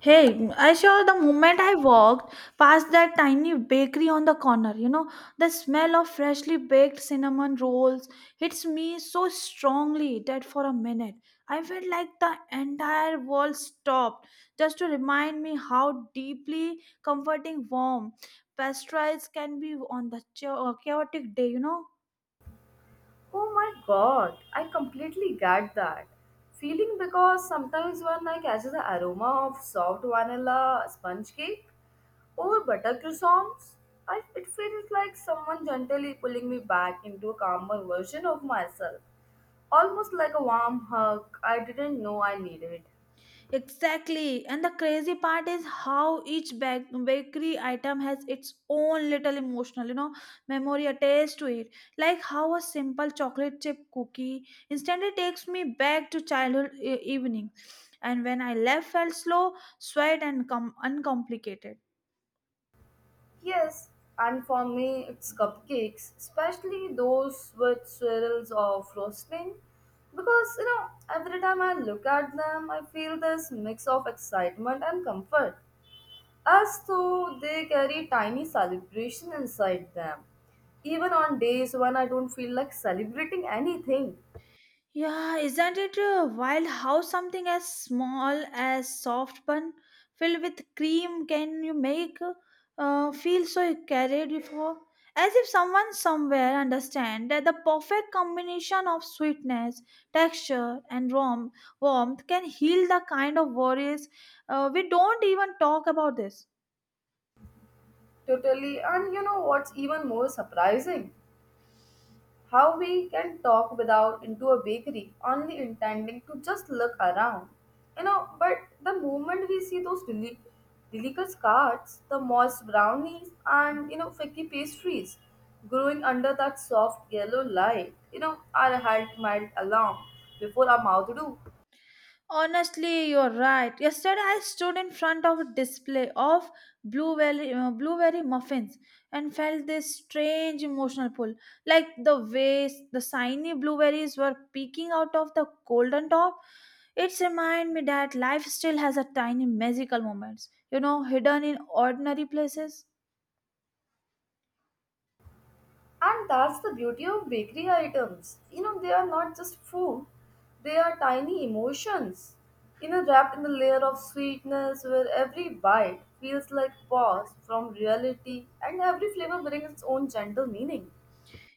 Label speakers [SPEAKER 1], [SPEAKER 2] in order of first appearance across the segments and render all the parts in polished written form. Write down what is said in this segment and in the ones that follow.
[SPEAKER 1] Hey, I sure the moment I walked past that tiny bakery on the corner, you know, the smell of freshly baked cinnamon rolls hits me so strongly that for a minute I felt like the entire world stopped just to remind me how deeply comforting warm pastries can be on the chaotic day, you know.
[SPEAKER 2] Oh my god, I completely get that feeling because sometimes when I catch the aroma of soft vanilla sponge cake or butter croissants, it feels like someone gently pulling me back into a calmer version of myself, almost like a warm hug I didn't know I needed.
[SPEAKER 1] Exactly. And the crazy part is how each bakery item has its own little emotional, you know, memory attached to it. Like how a simple chocolate chip cookie instantly takes me back to childhood evening. And when I left felt slow, sweet and uncomplicated.
[SPEAKER 2] Yes, and for me it's cupcakes, especially those with swirls of frosting. Because every time I look at them, I feel this mix of excitement and comfort, as though they carry tiny celebration inside them. Even on days when I don't feel like celebrating anything,
[SPEAKER 1] Yeah, isn't it wild how something as small as soft bun filled with cream can you make feel so carried before? As if someone somewhere understand that the perfect combination of sweetness, texture, and warmth can heal the kind of worries we don't even talk about this.
[SPEAKER 2] totally. And you know what's even more surprising? How we can talk without into a bakery, only intending to just look around. But the moment we see those delicious carts, the moist brownies, and flaky pastries growing under that soft yellow light, our heart melt along before our mouth do.
[SPEAKER 1] Honestly, you're right. Yesterday, I stood in front of a display of blueberry muffins and felt this strange emotional pull. Like the way the shiny blueberries were peeking out of the golden top, it reminded me that life still has a tiny magical moments, you know, hidden in ordinary places.
[SPEAKER 2] And that's the beauty of bakery items. They are not just food, they are tiny emotions. Wrapped in a layer of sweetness where every bite feels like pause from reality and every flavor brings its own gentle meaning.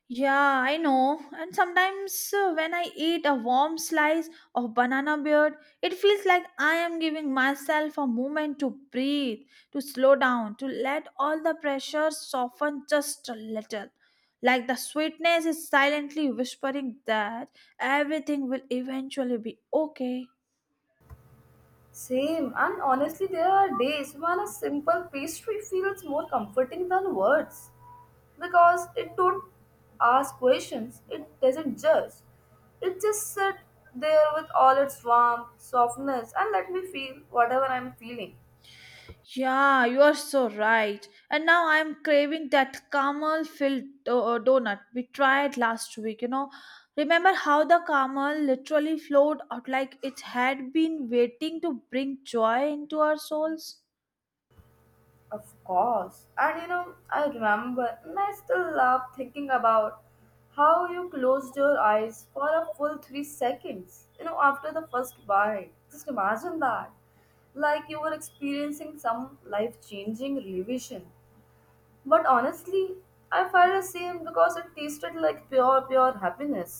[SPEAKER 1] Yeah, I know. And sometimes when I eat a warm slice of banana bread, it feels like I am giving myself a moment to breathe, to slow down, to let all the pressure soften just a little. Like the sweetness is silently whispering that everything will eventually be okay.
[SPEAKER 2] Same, and honestly, there are days when a simple pastry feels more comforting than words. Because it don't ask questions, it doesn't judge, it just sit there with all its warmth softness and let me feel whatever I'm feeling.
[SPEAKER 1] Yeah, you are so right. And now I'm craving that caramel filled donut we tried last week. You know, remember how the caramel literally flowed out like it had been waiting to bring joy into our souls?
[SPEAKER 2] Of course, and I remember and I still love thinking about how you closed your eyes for a full 3 seconds after the first bite, just imagine that, like you were experiencing some life changing revision. But honestly, I felt the same because it tasted like pure, pure happiness.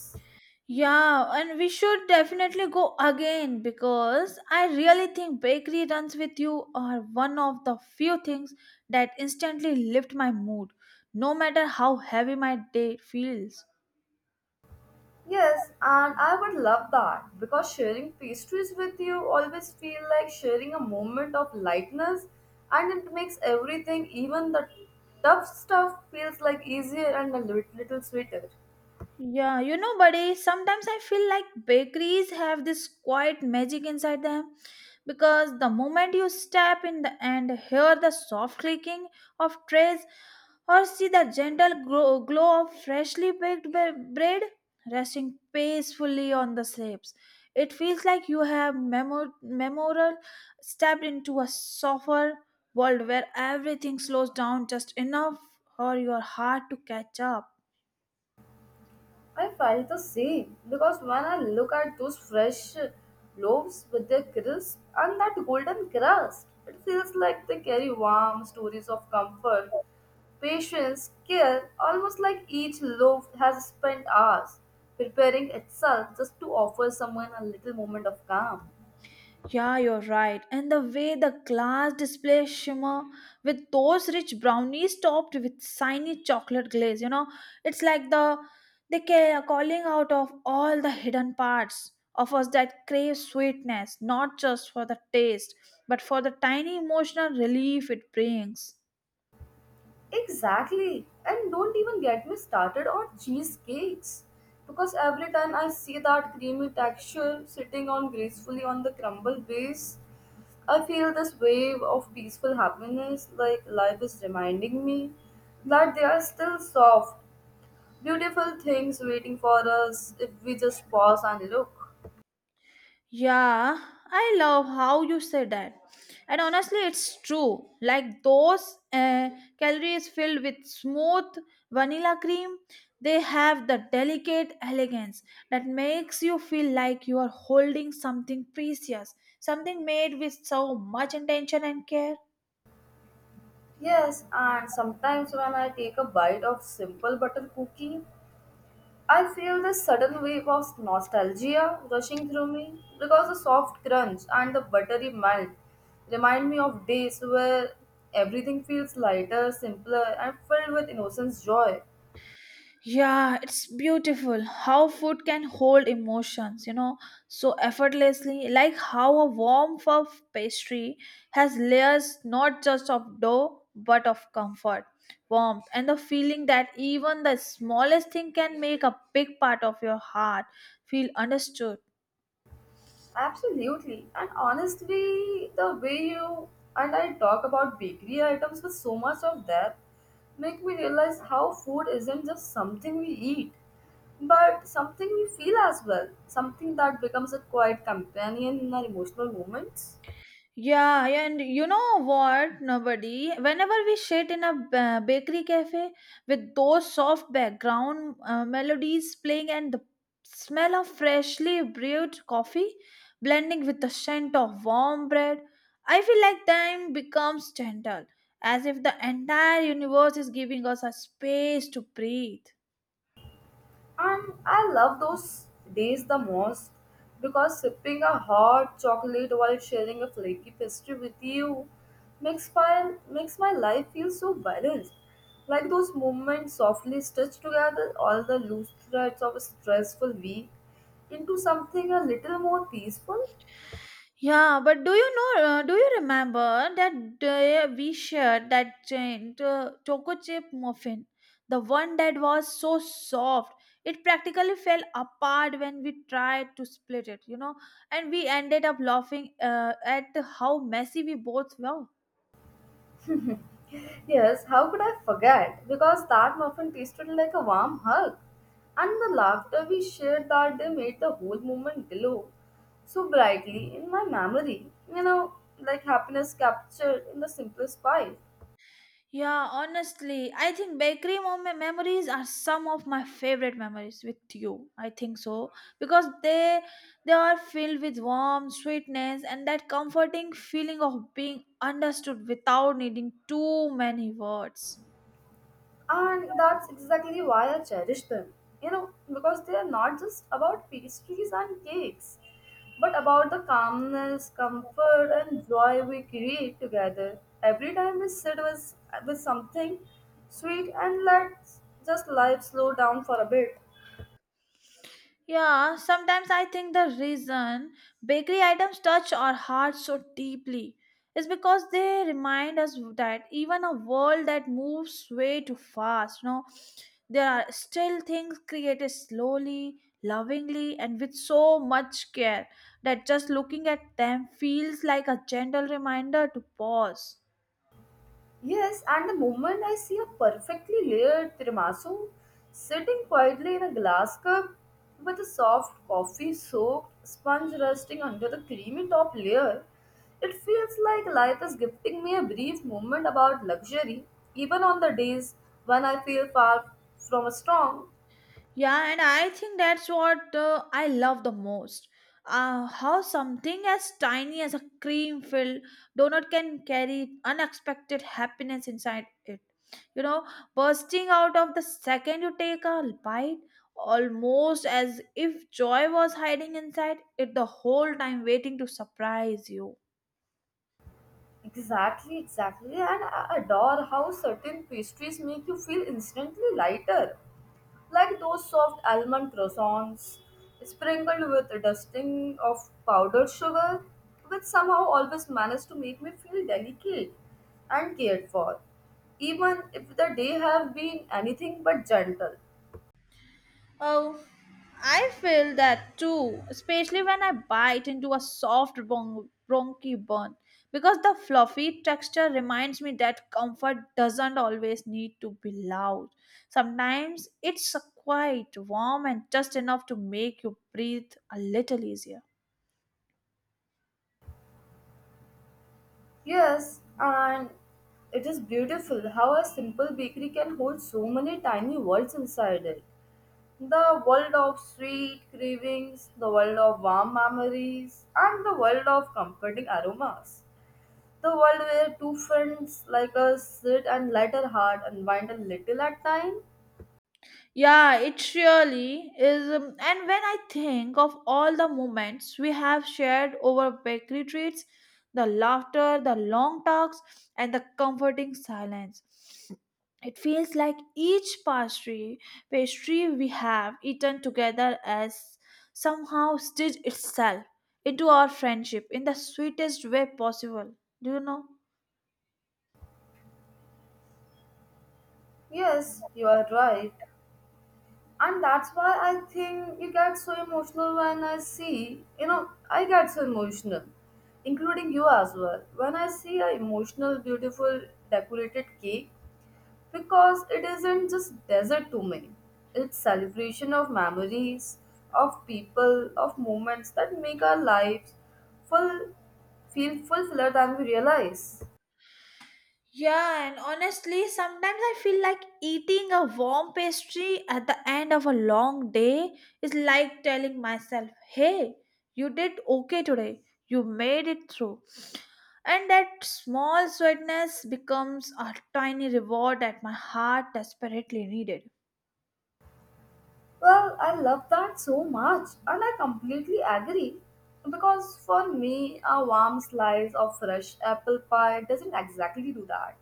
[SPEAKER 1] Yeah, and we should definitely go again because I really think bakery runs with you are one of the few things that instantly lift my mood, no matter how heavy my day feels.
[SPEAKER 2] Yes, and I would love that because sharing pastries with you always feel like sharing a moment of lightness and it makes everything, even the tough stuff, feels like easier and a little sweeter.
[SPEAKER 1] Yeah, you know, buddy, sometimes I feel like bakeries have this quiet magic inside them because the moment you step in the and hear the soft clicking of trays or see the gentle glow of freshly baked bread resting peacefully on the slabs, it feels like you have memorial stepped into a softer world where everything slows down just enough for your heart to catch up.
[SPEAKER 2] I felt the same because when I look at those fresh loaves with their crisp and that golden crust, it feels like they carry warm stories of comfort, patience, care, almost like each loaf has spent hours preparing itself just to offer someone a little moment of calm.
[SPEAKER 1] Yeah, you're right. And the way the glass display shimmer with those rich brownies topped with shiny chocolate glaze, you know, it's like the they calling out of all the hidden parts of us that crave sweetness, not just for the taste, but for the tiny emotional relief it brings.
[SPEAKER 2] Exactly. And don't even get me started on cheesecakes. Because every time I see that creamy texture sitting on gracefully on the crumble base, I feel this wave of peaceful happiness like life is reminding me that there are still soft, beautiful things waiting for us if we just pause and look.
[SPEAKER 1] Yeah, I love how you say that. And honestly, it's true. Like those calories filled with smooth vanilla cream, they have the delicate elegance that makes you feel like you are holding something precious, something made with so much intention and care.
[SPEAKER 2] Yes, and sometimes when I take a bite of simple butter cookie, I feel this sudden wave of nostalgia rushing through me because the soft crunch and the buttery melt remind me of days where everything feels lighter, simpler, and filled with innocence joy.
[SPEAKER 1] Yeah, it's beautiful how food can hold emotions, you know, so effortlessly. Like how a warm puff pastry has layers not just of dough but of comfort, warmth, and the feeling that even the smallest thing can make a big part of your heart feel understood.
[SPEAKER 2] Absolutely. And honestly, the way you and I talk about bakery items with so much of depth make me realize how food isn't just something we eat, but something we feel as well. Something that becomes a quiet companion in our emotional moments.
[SPEAKER 1] Yeah, and you know what, nobody. Whenever we sit in a bakery cafe with those soft background melodies playing and the smell of freshly brewed coffee blending with the scent of warm bread, I feel like time becomes gentle, as if the entire universe is giving us a space to breathe.
[SPEAKER 2] And I love those days the most because sipping a hot chocolate while sharing a flaky pastry with you makes my life feel so balanced. Like those moments softly stitch together all the loose threads of a stressful week into something a little more peaceful.
[SPEAKER 1] Yeah, but do you know? Do you remember that day we shared that giant choco chip muffin, the one that was so soft it practically fell apart when we tried to split it. You know, and we ended up laughing at how messy we both were.
[SPEAKER 2] Yes, how could I forget? Because that muffin tasted like a warm hug. And the laughter we shared that day made the whole moment glow so brightly in my memory. You know, like happiness captured in the simplest pie.
[SPEAKER 1] Yeah, honestly, I think bakery memories are some of my favorite memories with you. I think so because they are filled with warmth, sweetness and that comforting feeling of being understood without needing too many words.
[SPEAKER 2] And that's exactly why I cherish them. Because they are not just about pastries and cakes, but about the calmness, comfort, and joy we create together. Every time we sit with something sweet and let just life slow down for a bit.
[SPEAKER 1] Yeah, sometimes I think the reason bakery items touch our hearts so deeply is because they remind us that even a world that moves way too fast, you know, there are still things created slowly, lovingly, and with so much care that just looking at them feels like a gentle reminder to pause.
[SPEAKER 2] Yes, and the moment I see a perfectly layered tiramisu sitting quietly in a glass cup with a soft coffee soaked sponge resting under the creamy top layer, it feels like life is gifting me a brief moment about luxury, even on the days when I feel far from a strong.
[SPEAKER 1] Yeah, and I think that's what I love the most. How something as tiny as a cream filled donut can carry unexpected happiness inside it. You know, bursting out of the second you take a bite, almost as if joy was hiding inside it the whole time, waiting to surprise you.
[SPEAKER 2] Exactly, exactly, and I adore how certain pastries make you feel instantly lighter like those soft almond croissants sprinkled with a dusting of powdered sugar, which somehow always managed to make me feel delicate and cared for, even if the day have been anything but gentle.
[SPEAKER 1] Oh, I feel that too, especially when I bite into a soft bronchi bun, because the fluffy texture reminds me that comfort doesn't always need to be loud. Sometimes it's quite warm, and just enough to make you breathe a little easier.
[SPEAKER 2] Yes, and it is beautiful how a simple bakery can hold so many tiny worlds inside it. The world of sweet cravings, the world of warm memories, and the world of comforting aromas. The world where two friends like us sit and let our heart unwind a little at time?
[SPEAKER 1] Yeah, it really is. And when I think of all the moments we have shared over bakery treats, the laughter, the long talks, and the comforting silence, it feels like each pastry we have eaten together has somehow stitched itself into our friendship in the sweetest way possible. Do you know?
[SPEAKER 2] Yes, you are right. And that's why I think you get so emotional when I see, I get so emotional, including you as well. When I see a emotional, beautiful, decorated cake, because it isn't just desert to me, it's celebration of memories of people of moments that make our lives full feel fuller than we realize.
[SPEAKER 1] Yeah, and honestly, sometimes I feel like eating a warm pastry at the end of a long day is like telling myself, hey, you did okay today, you made it through. And that small sweetness becomes a tiny reward that my heart desperately needed.
[SPEAKER 2] Well, I love that so much and I completely agree because for me a warm slice of fresh apple pie doesn't exactly do that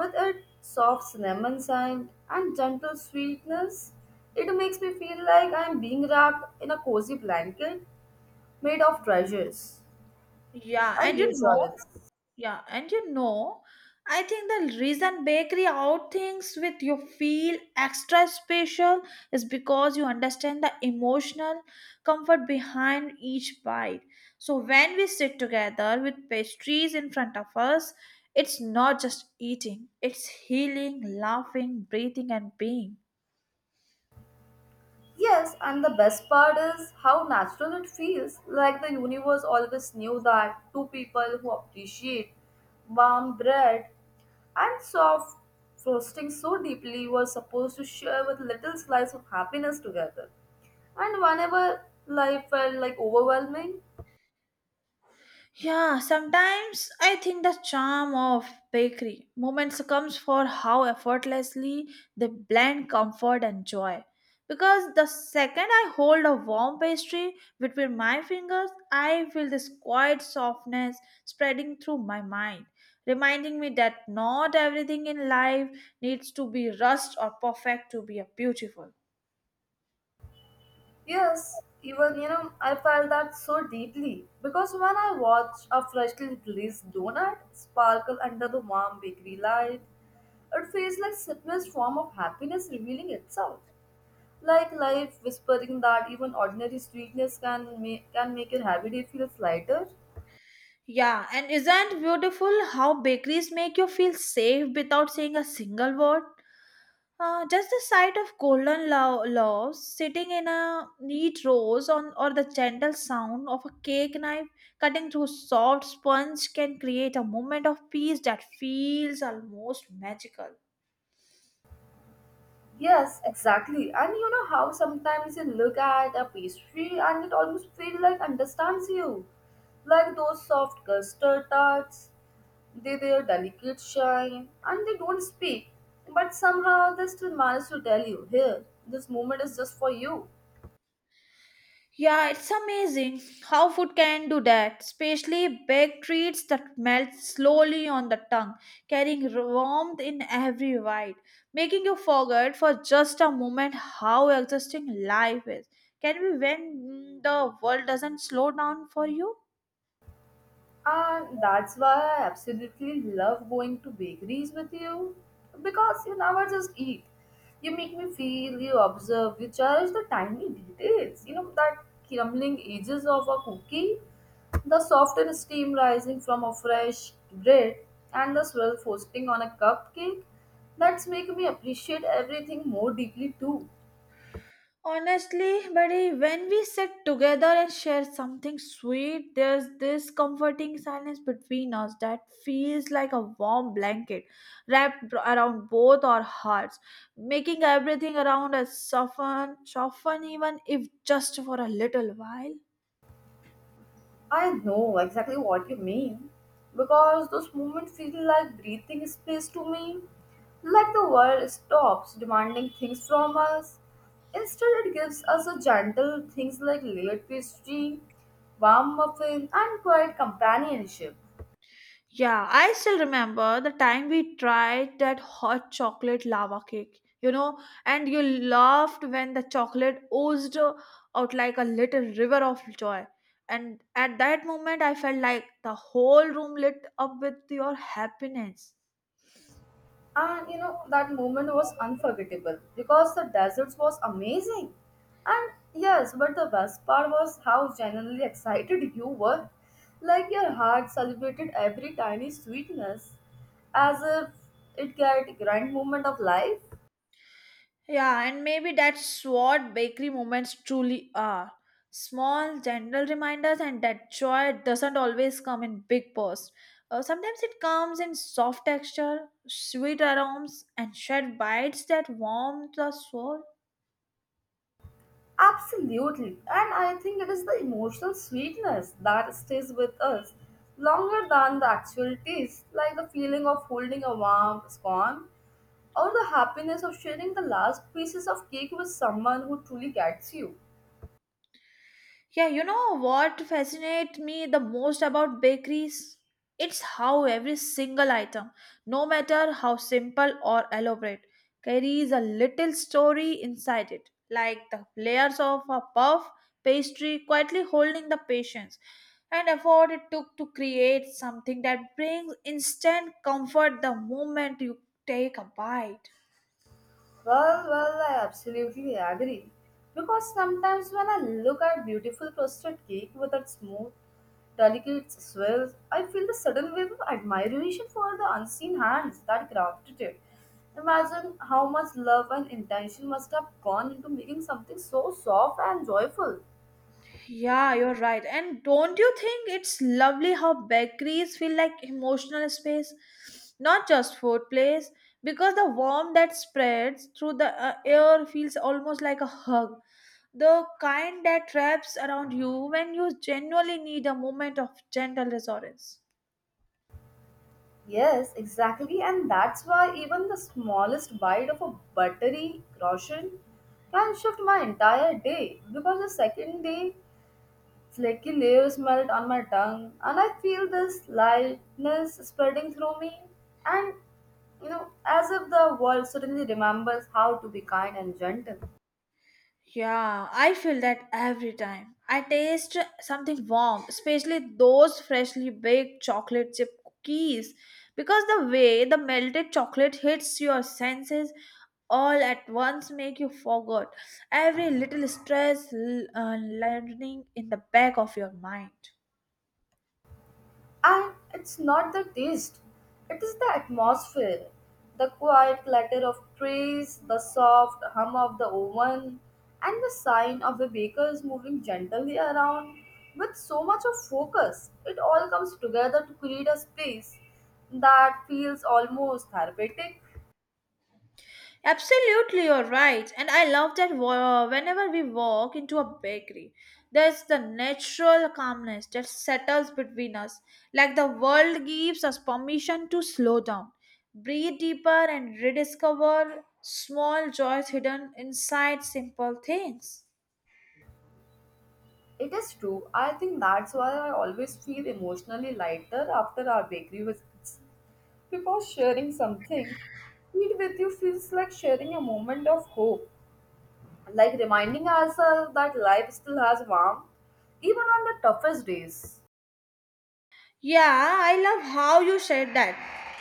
[SPEAKER 2] with its soft cinnamon scent and gentle sweetness. It makes me feel like I'm being wrapped in a cozy blanket made of treasures
[SPEAKER 1] Yeah,
[SPEAKER 2] and
[SPEAKER 1] and you know,
[SPEAKER 2] reassurance.
[SPEAKER 1] Yeah, and you know, I think the reason bakery out things with you feel extra special is because you understand the emotional comfort behind each bite. So when we sit together with pastries in front of us, it's not just eating, it's healing, laughing, breathing, and being.
[SPEAKER 2] Yes, and the best part is how natural it feels, like the universe always knew that two people who appreciate warm bread and soft frosting so deeply were supposed to share with little slice of happiness together. And whenever life felt like overwhelming,
[SPEAKER 1] Yeah, sometimes I think the charm of bakery moments comes for how effortlessly they blend comfort and joy. Because the second I hold a warm pastry between my fingers, I feel this quiet softness spreading through my mind, reminding me that not everything in life needs to be rushed or perfect to be a beautiful.
[SPEAKER 2] yes, even I felt that so deeply because when I watch a freshly released donut sparkle under the warm bakery light, it feels like simplest form of happiness revealing itself. Like life whispering that even ordinary sweetness can make your heavy day feel lighter.
[SPEAKER 1] Yeah, and isn't beautiful how bakeries make you feel safe without saying a single word? Just the sight of golden loaves sitting in a neat rows on, or the gentle sound of a cake knife cutting through soft sponge can create a moment of peace that feels almost magical.
[SPEAKER 2] Yes, exactly. And you know how sometimes you look at a pastry and it almost feels like understands you. Like those soft custard tarts, they their delicate shine and they don't speak. But somehow they still manage to tell you, here, this moment is just for you.
[SPEAKER 1] Yeah, it's amazing how food can do that, especially baked treats that melt slowly on the tongue, carrying warmth in every bite, making you forget for just a moment how exhausting life is. Can we when the world doesn't slow down for you?
[SPEAKER 2] And that's why I absolutely love going to bakeries with you because you never just eat. You make me feel, you observe, you cherish the tiny details. That crumbling edges of a cookie, the soft and steam rising from a fresh bread, and the swirl frosting on a cupcake. That's make me appreciate everything more deeply too.
[SPEAKER 1] Honestly, buddy, when we sit together and share something sweet, there's this comforting silence between us that feels like a warm blanket wrapped around both our hearts, making everything around us soften even if just for a little while.
[SPEAKER 2] I know exactly what you mean because those moments feel like breathing space to me. Like the world stops demanding things from us. Instead, it gives us a gentle things like layered pastry, warm muffin, and quiet companionship.
[SPEAKER 1] Yeah, I still remember the time we tried that hot chocolate lava cake, you know, and you laughed when the chocolate oozed out like a little river of joy. And at that moment, I felt like the whole room lit up with your happiness.
[SPEAKER 2] And that moment was unforgettable because the desert was amazing and yes but the best part was how genuinely excited you were, like your heart celebrated every tiny sweetness as if it got grand moment of life.
[SPEAKER 1] Yeah, and maybe that's what bakery moments truly are. Small, gentle reminders, and that joy doesn't always come in big bursts. Sometimes it comes in soft texture, sweet aromas, and shared bites that warm the soul.
[SPEAKER 2] Absolutely. And I think it is the emotional sweetness that stays with us longer than the actual taste, like the feeling of holding a warm scone or the happiness of sharing the last pieces of cake with someone who truly gets you.
[SPEAKER 1] Yeah, you know what fascinates me the most about bakeries? It's how every single item, no matter how simple or elaborate, carries a little story inside it, like the layers of a puff pastry quietly holding the patience and effort it took to create something that brings instant comfort the moment you take a bite.
[SPEAKER 2] Well, I absolutely agree. Because sometimes when I look at beautiful crusted cake with its smooth, delicate swirls, I feel the sudden wave of admiration for the unseen hands that crafted it. Imagine how much love and intention must have gone into making something so soft and joyful.
[SPEAKER 1] Yeah, you're right. And don't you think it's lovely how bakeries feel like emotional space, not just food place? Because the warmth that spreads through the air feels almost like a hug, the kind that wraps around you when you genuinely need a moment of gentle reassurance.
[SPEAKER 2] Yes, exactly, and that's why even the smallest bite of a buttery croissant can shift my entire day because the second day flaky leaves melt on my tongue, and I feel this lightness spreading through me. And as if the world suddenly remembers how to be kind and gentle.
[SPEAKER 1] Yeah, I feel that every time. I taste something warm, especially those freshly baked chocolate chip cookies, because the way the melted chocolate hits your senses all at once make you forget every little stress learning in the back of your mind.
[SPEAKER 2] And it's not the taste, it is the atmosphere. The quiet clatter of trays, the soft hum of the oven, and the sign of the bakers moving gently around with so much of focus. It all comes together to create a space that feels almost therapeutic.
[SPEAKER 1] Absolutely, you're right. And I love that whenever we walk into a bakery, there's the natural calmness that settles between us. Like the world gives us permission to slow down, breathe deeper, and rediscover small joys hidden inside simple things.
[SPEAKER 2] It is true. I think that's why I always feel emotionally lighter after our bakery visits. Because sharing something sweet with you feels like sharing a moment of hope, like reminding ourselves that life still has warmth, even on the toughest days.
[SPEAKER 1] Yeah, I love how you said that.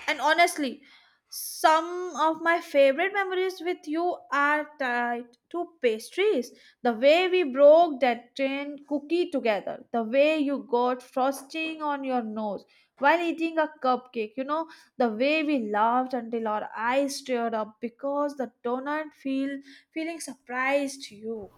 [SPEAKER 1] And honestly, some of my favorite memories with you are tied to pastries. The way we broke that tin cookie together, the way you got frosting on your nose while eating a cupcake, you know, the way we laughed until our eyes teared up because the donut feeling surprised you.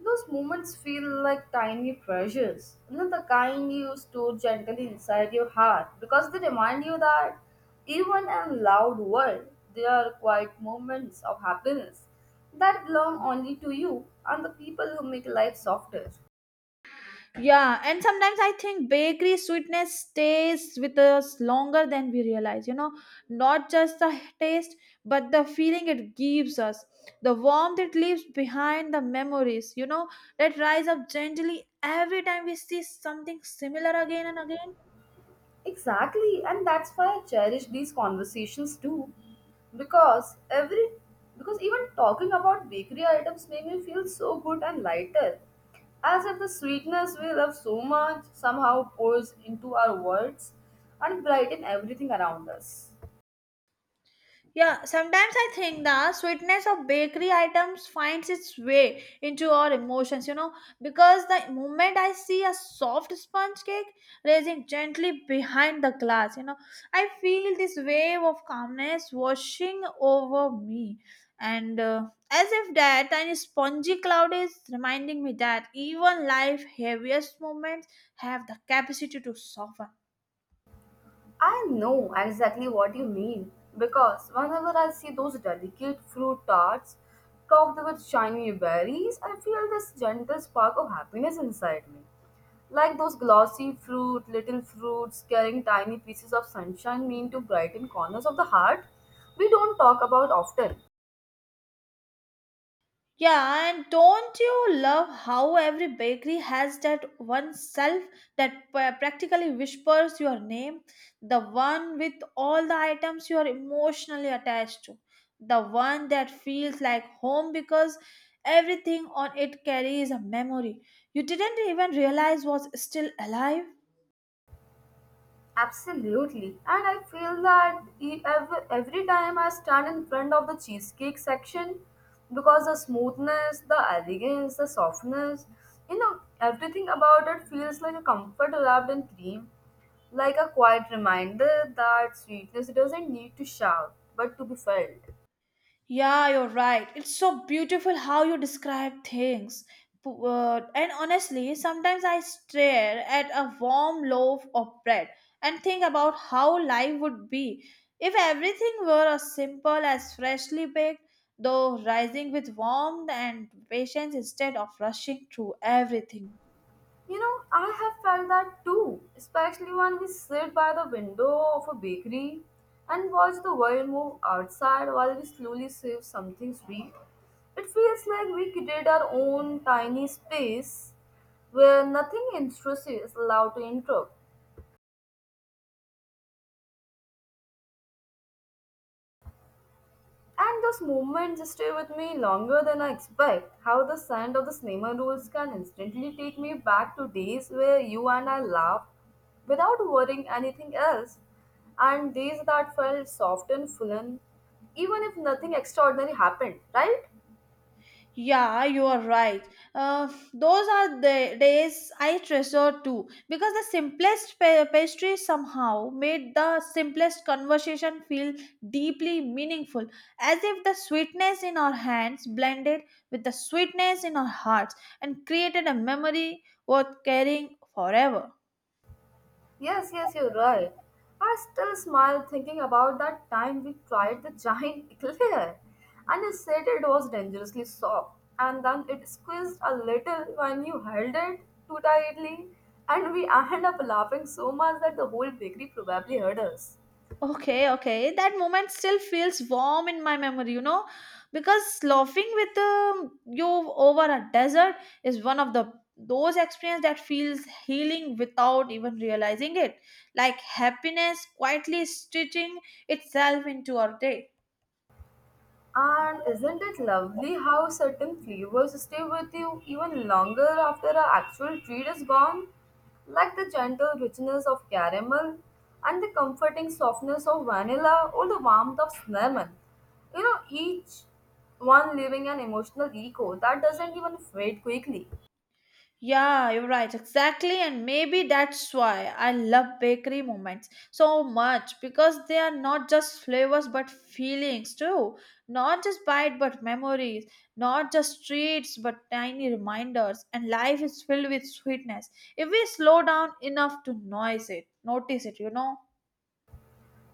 [SPEAKER 2] Those moments feel like tiny treasures, the kind you store gently inside your heart, because they remind you that even in loud world, there are quiet moments of happiness that belong only to you and the people who make life softer.
[SPEAKER 1] Yeah, and sometimes I think bakery sweetness stays with us longer than we realize. You know, not just the taste, but the feeling it gives us, the warmth it leaves behind, the memories, you know, that rise up gently every time we see something similar again and again.
[SPEAKER 2] Exactly, and that's why I cherish these conversations too. Because every because even talking about bakery items make me feel so good and lighter. As if the sweetness we love so much somehow pours into our words and brighten everything around us.
[SPEAKER 1] Yeah, sometimes I think the sweetness of bakery items finds its way into our emotions, you know, because the moment I see a soft sponge cake raising gently behind the glass, you know, I feel this wave of calmness washing over me. And As if that tiny spongy cloud is reminding me that even life heaviest moments have the capacity to soften.
[SPEAKER 2] I know exactly what you mean because whenever I see those delicate fruit tarts topped with shiny berries, I feel this gentle spark of happiness inside me. Like those glossy fruit, little fruits carrying tiny pieces of sunshine mean to brighten corners of the heart we don't talk about often.
[SPEAKER 1] Yeah, and don't you love how every bakery has that one shelf that practically whispers your name? The one with all the items you are emotionally attached to. The one that feels like home because everything on it carries a memory you didn't even realize was still alive.
[SPEAKER 2] Absolutely. And I feel that every time I stand in front of the cheesecake section, because the smoothness, the elegance, the softness, you know, everything about it feels like a comfort wrapped in cream, like a quiet reminder that sweetness doesn't need to shout, but to be felt.
[SPEAKER 1] Yeah, you're right. It's so beautiful how you describe things. And honestly, sometimes I stare at a warm loaf of bread and think about how life would be if everything were as simple as freshly baked, though rising with warmth and patience instead of rushing through everything.
[SPEAKER 2] You know, I have felt that too, especially when we sit by the window of a bakery and watch the world move outside while we slowly save something sweet. It feels like we create our own tiny space where nothing intrusive is allowed to interrupt. And those moments stay with me longer than I expect. How the sound of the cinema rolls can instantly take me back to days where you and I laughed without worrying anything else, and days that felt soft and full, and even if nothing extraordinary happened, right?
[SPEAKER 1] Yeah, you are right. Uh, those are the days I treasure too because the simplest pastry somehow made the simplest conversation feel deeply meaningful, as if the sweetness in our hands blended with the sweetness in our hearts and created a memory worth carrying forever.
[SPEAKER 2] Yes, yes, you're right. I still smile thinking about that time we tried the giant eclair. And you said it was dangerously soft, and then it squeezed a little when you held it too tightly, and we ended up laughing so much that the whole bakery probably heard us.
[SPEAKER 1] Okay, okay. That moment still feels warm in my memory, you know, because laughing with you over a desert is one of the those experience that feels healing without even realizing it, like happiness quietly stitching itself into our day.
[SPEAKER 2] And isn't it lovely how certain flavors stay with you even longer after our actual treat is gone? Like the gentle richness of caramel and the comforting softness of vanilla or the warmth of cinnamon. You know, each one leaving an emotional echo that doesn't even fade quickly.
[SPEAKER 1] Yeah, you're right. Exactly. And maybe that's why I love bakery moments so much because they are not just flavors but feelings too. Not just bite but memories. Not just treats but tiny reminders. And life is filled with sweetness if we slow down enough to notice it. Notice it, you know.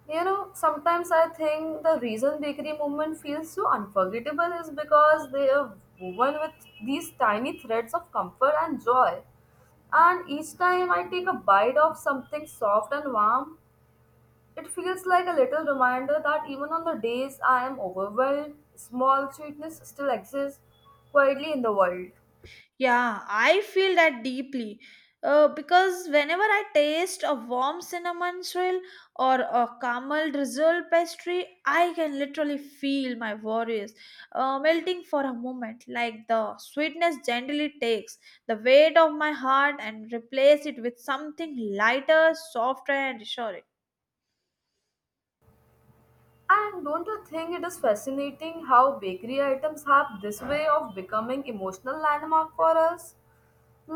[SPEAKER 2] You know, sometimes I think the reason bakery movement feels so unforgettable is because they are woven with these tiny threads of comfort and joy. And each time I take a bite of something soft and warm, it feels like a little reminder that even on the days I am overwhelmed, small sweetness still exists quietly in the world.
[SPEAKER 1] Yeah, I feel that deeply. Because whenever I taste a warm cinnamon swirl or a caramel drizzle pastry, I can literally feel my worries melting for a moment. Like the sweetness gently takes the weight of my heart and replace it with something lighter, softer, and reassuring.
[SPEAKER 2] And don't you think it is fascinating how bakery items have this way of becoming emotional landmark for us?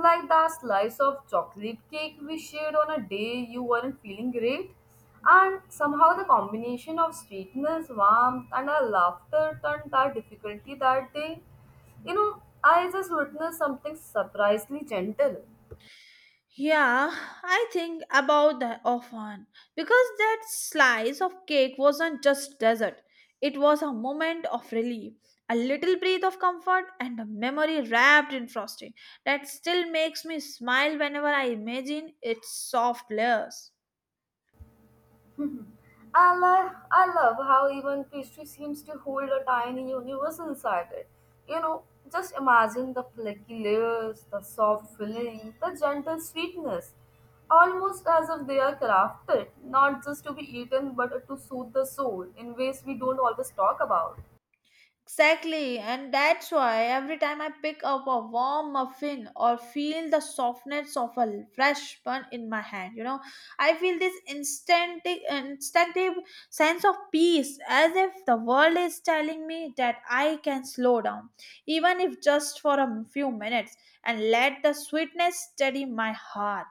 [SPEAKER 2] Like that slice of chocolate cake we shared on a day you weren't feeling great. And somehow the combination of sweetness, warmth, and our laughter turned that difficulty that day. You know, I just witnessed something surprisingly gentle.
[SPEAKER 1] Yeah, I think about that often because that slice of cake wasn't just dessert. It was a moment of relief, a little breath of comfort, and a memory wrapped in frosting that still makes me smile whenever I imagine its soft layers.
[SPEAKER 2] I love how even pastry seems to hold a tiny universe inside it. You know, just imagine the flaky layers, the soft filling, the gentle sweetness, almost as if they are crafted, not just to be eaten but to soothe the soul in ways we don't always talk about.
[SPEAKER 1] Exactly, and that's why every time I pick up a warm muffin or feel the softness of a fresh bun in my hand, you know, I feel this instant, instinctive sense of peace as if the world is telling me that I can slow down, even if just for a few minutes, and let the sweetness steady my heart.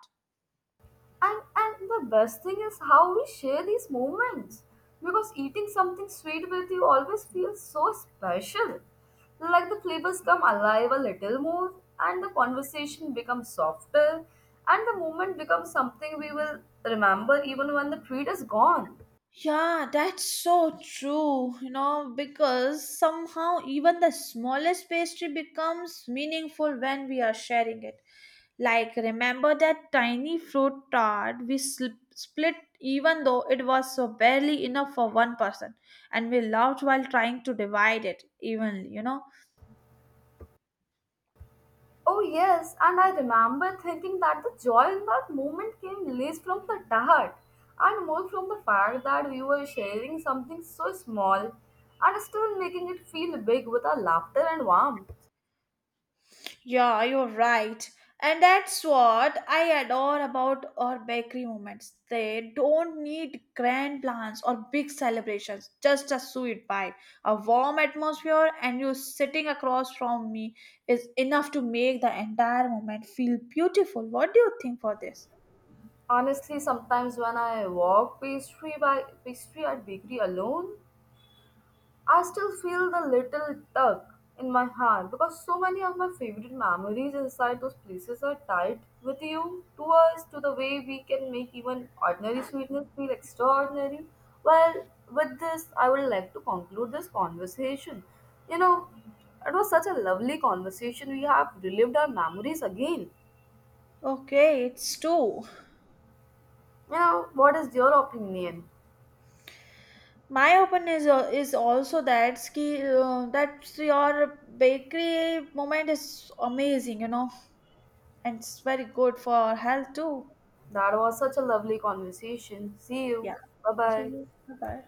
[SPEAKER 2] And the best thing is how we share these moments. Because eating something sweet with you always feels so special. Like the flavors come alive a little more and the conversation becomes softer and the moment becomes something we will remember even when the treat is gone.
[SPEAKER 1] Yeah, that's so true, you know, because somehow even the smallest pastry becomes meaningful when we are sharing it. Like, remember that tiny fruit tart we split even though it was so barely enough for one person, and we laughed while trying to divide it evenly, you know.
[SPEAKER 2] Oh, yes, and I remember thinking that the joy in that moment came less from the heart and more from the fact that we were sharing something so small and still making it feel big with our laughter and warmth.
[SPEAKER 1] Yeah, you're right. And that's what I adore about our bakery moments. They don't need grand plans or big celebrations, just a sweet pie, a warm atmosphere, and you sitting across from me is enough to make the entire moment feel beautiful. What do you think for this?
[SPEAKER 2] Honestly, sometimes when I walk pastry by pastry at bakery alone, I still feel the little tug in my heart because so many of my favorite memories inside those places are tied with you to us to the way we can make even ordinary sweetness feel extraordinary. Well, with this, I would like to conclude this conversation. You know, it was such a lovely conversation. We have relived our memories again.
[SPEAKER 1] Okay, it's two.
[SPEAKER 2] You know, what is your opinion?
[SPEAKER 1] My opinion is also that ski that your bakery moment is amazing, you know. And it's very good for health too.
[SPEAKER 2] That was such a lovely conversation. See you.
[SPEAKER 1] Yeah.
[SPEAKER 2] Bye
[SPEAKER 1] See
[SPEAKER 2] bye.
[SPEAKER 1] you. Bye bye.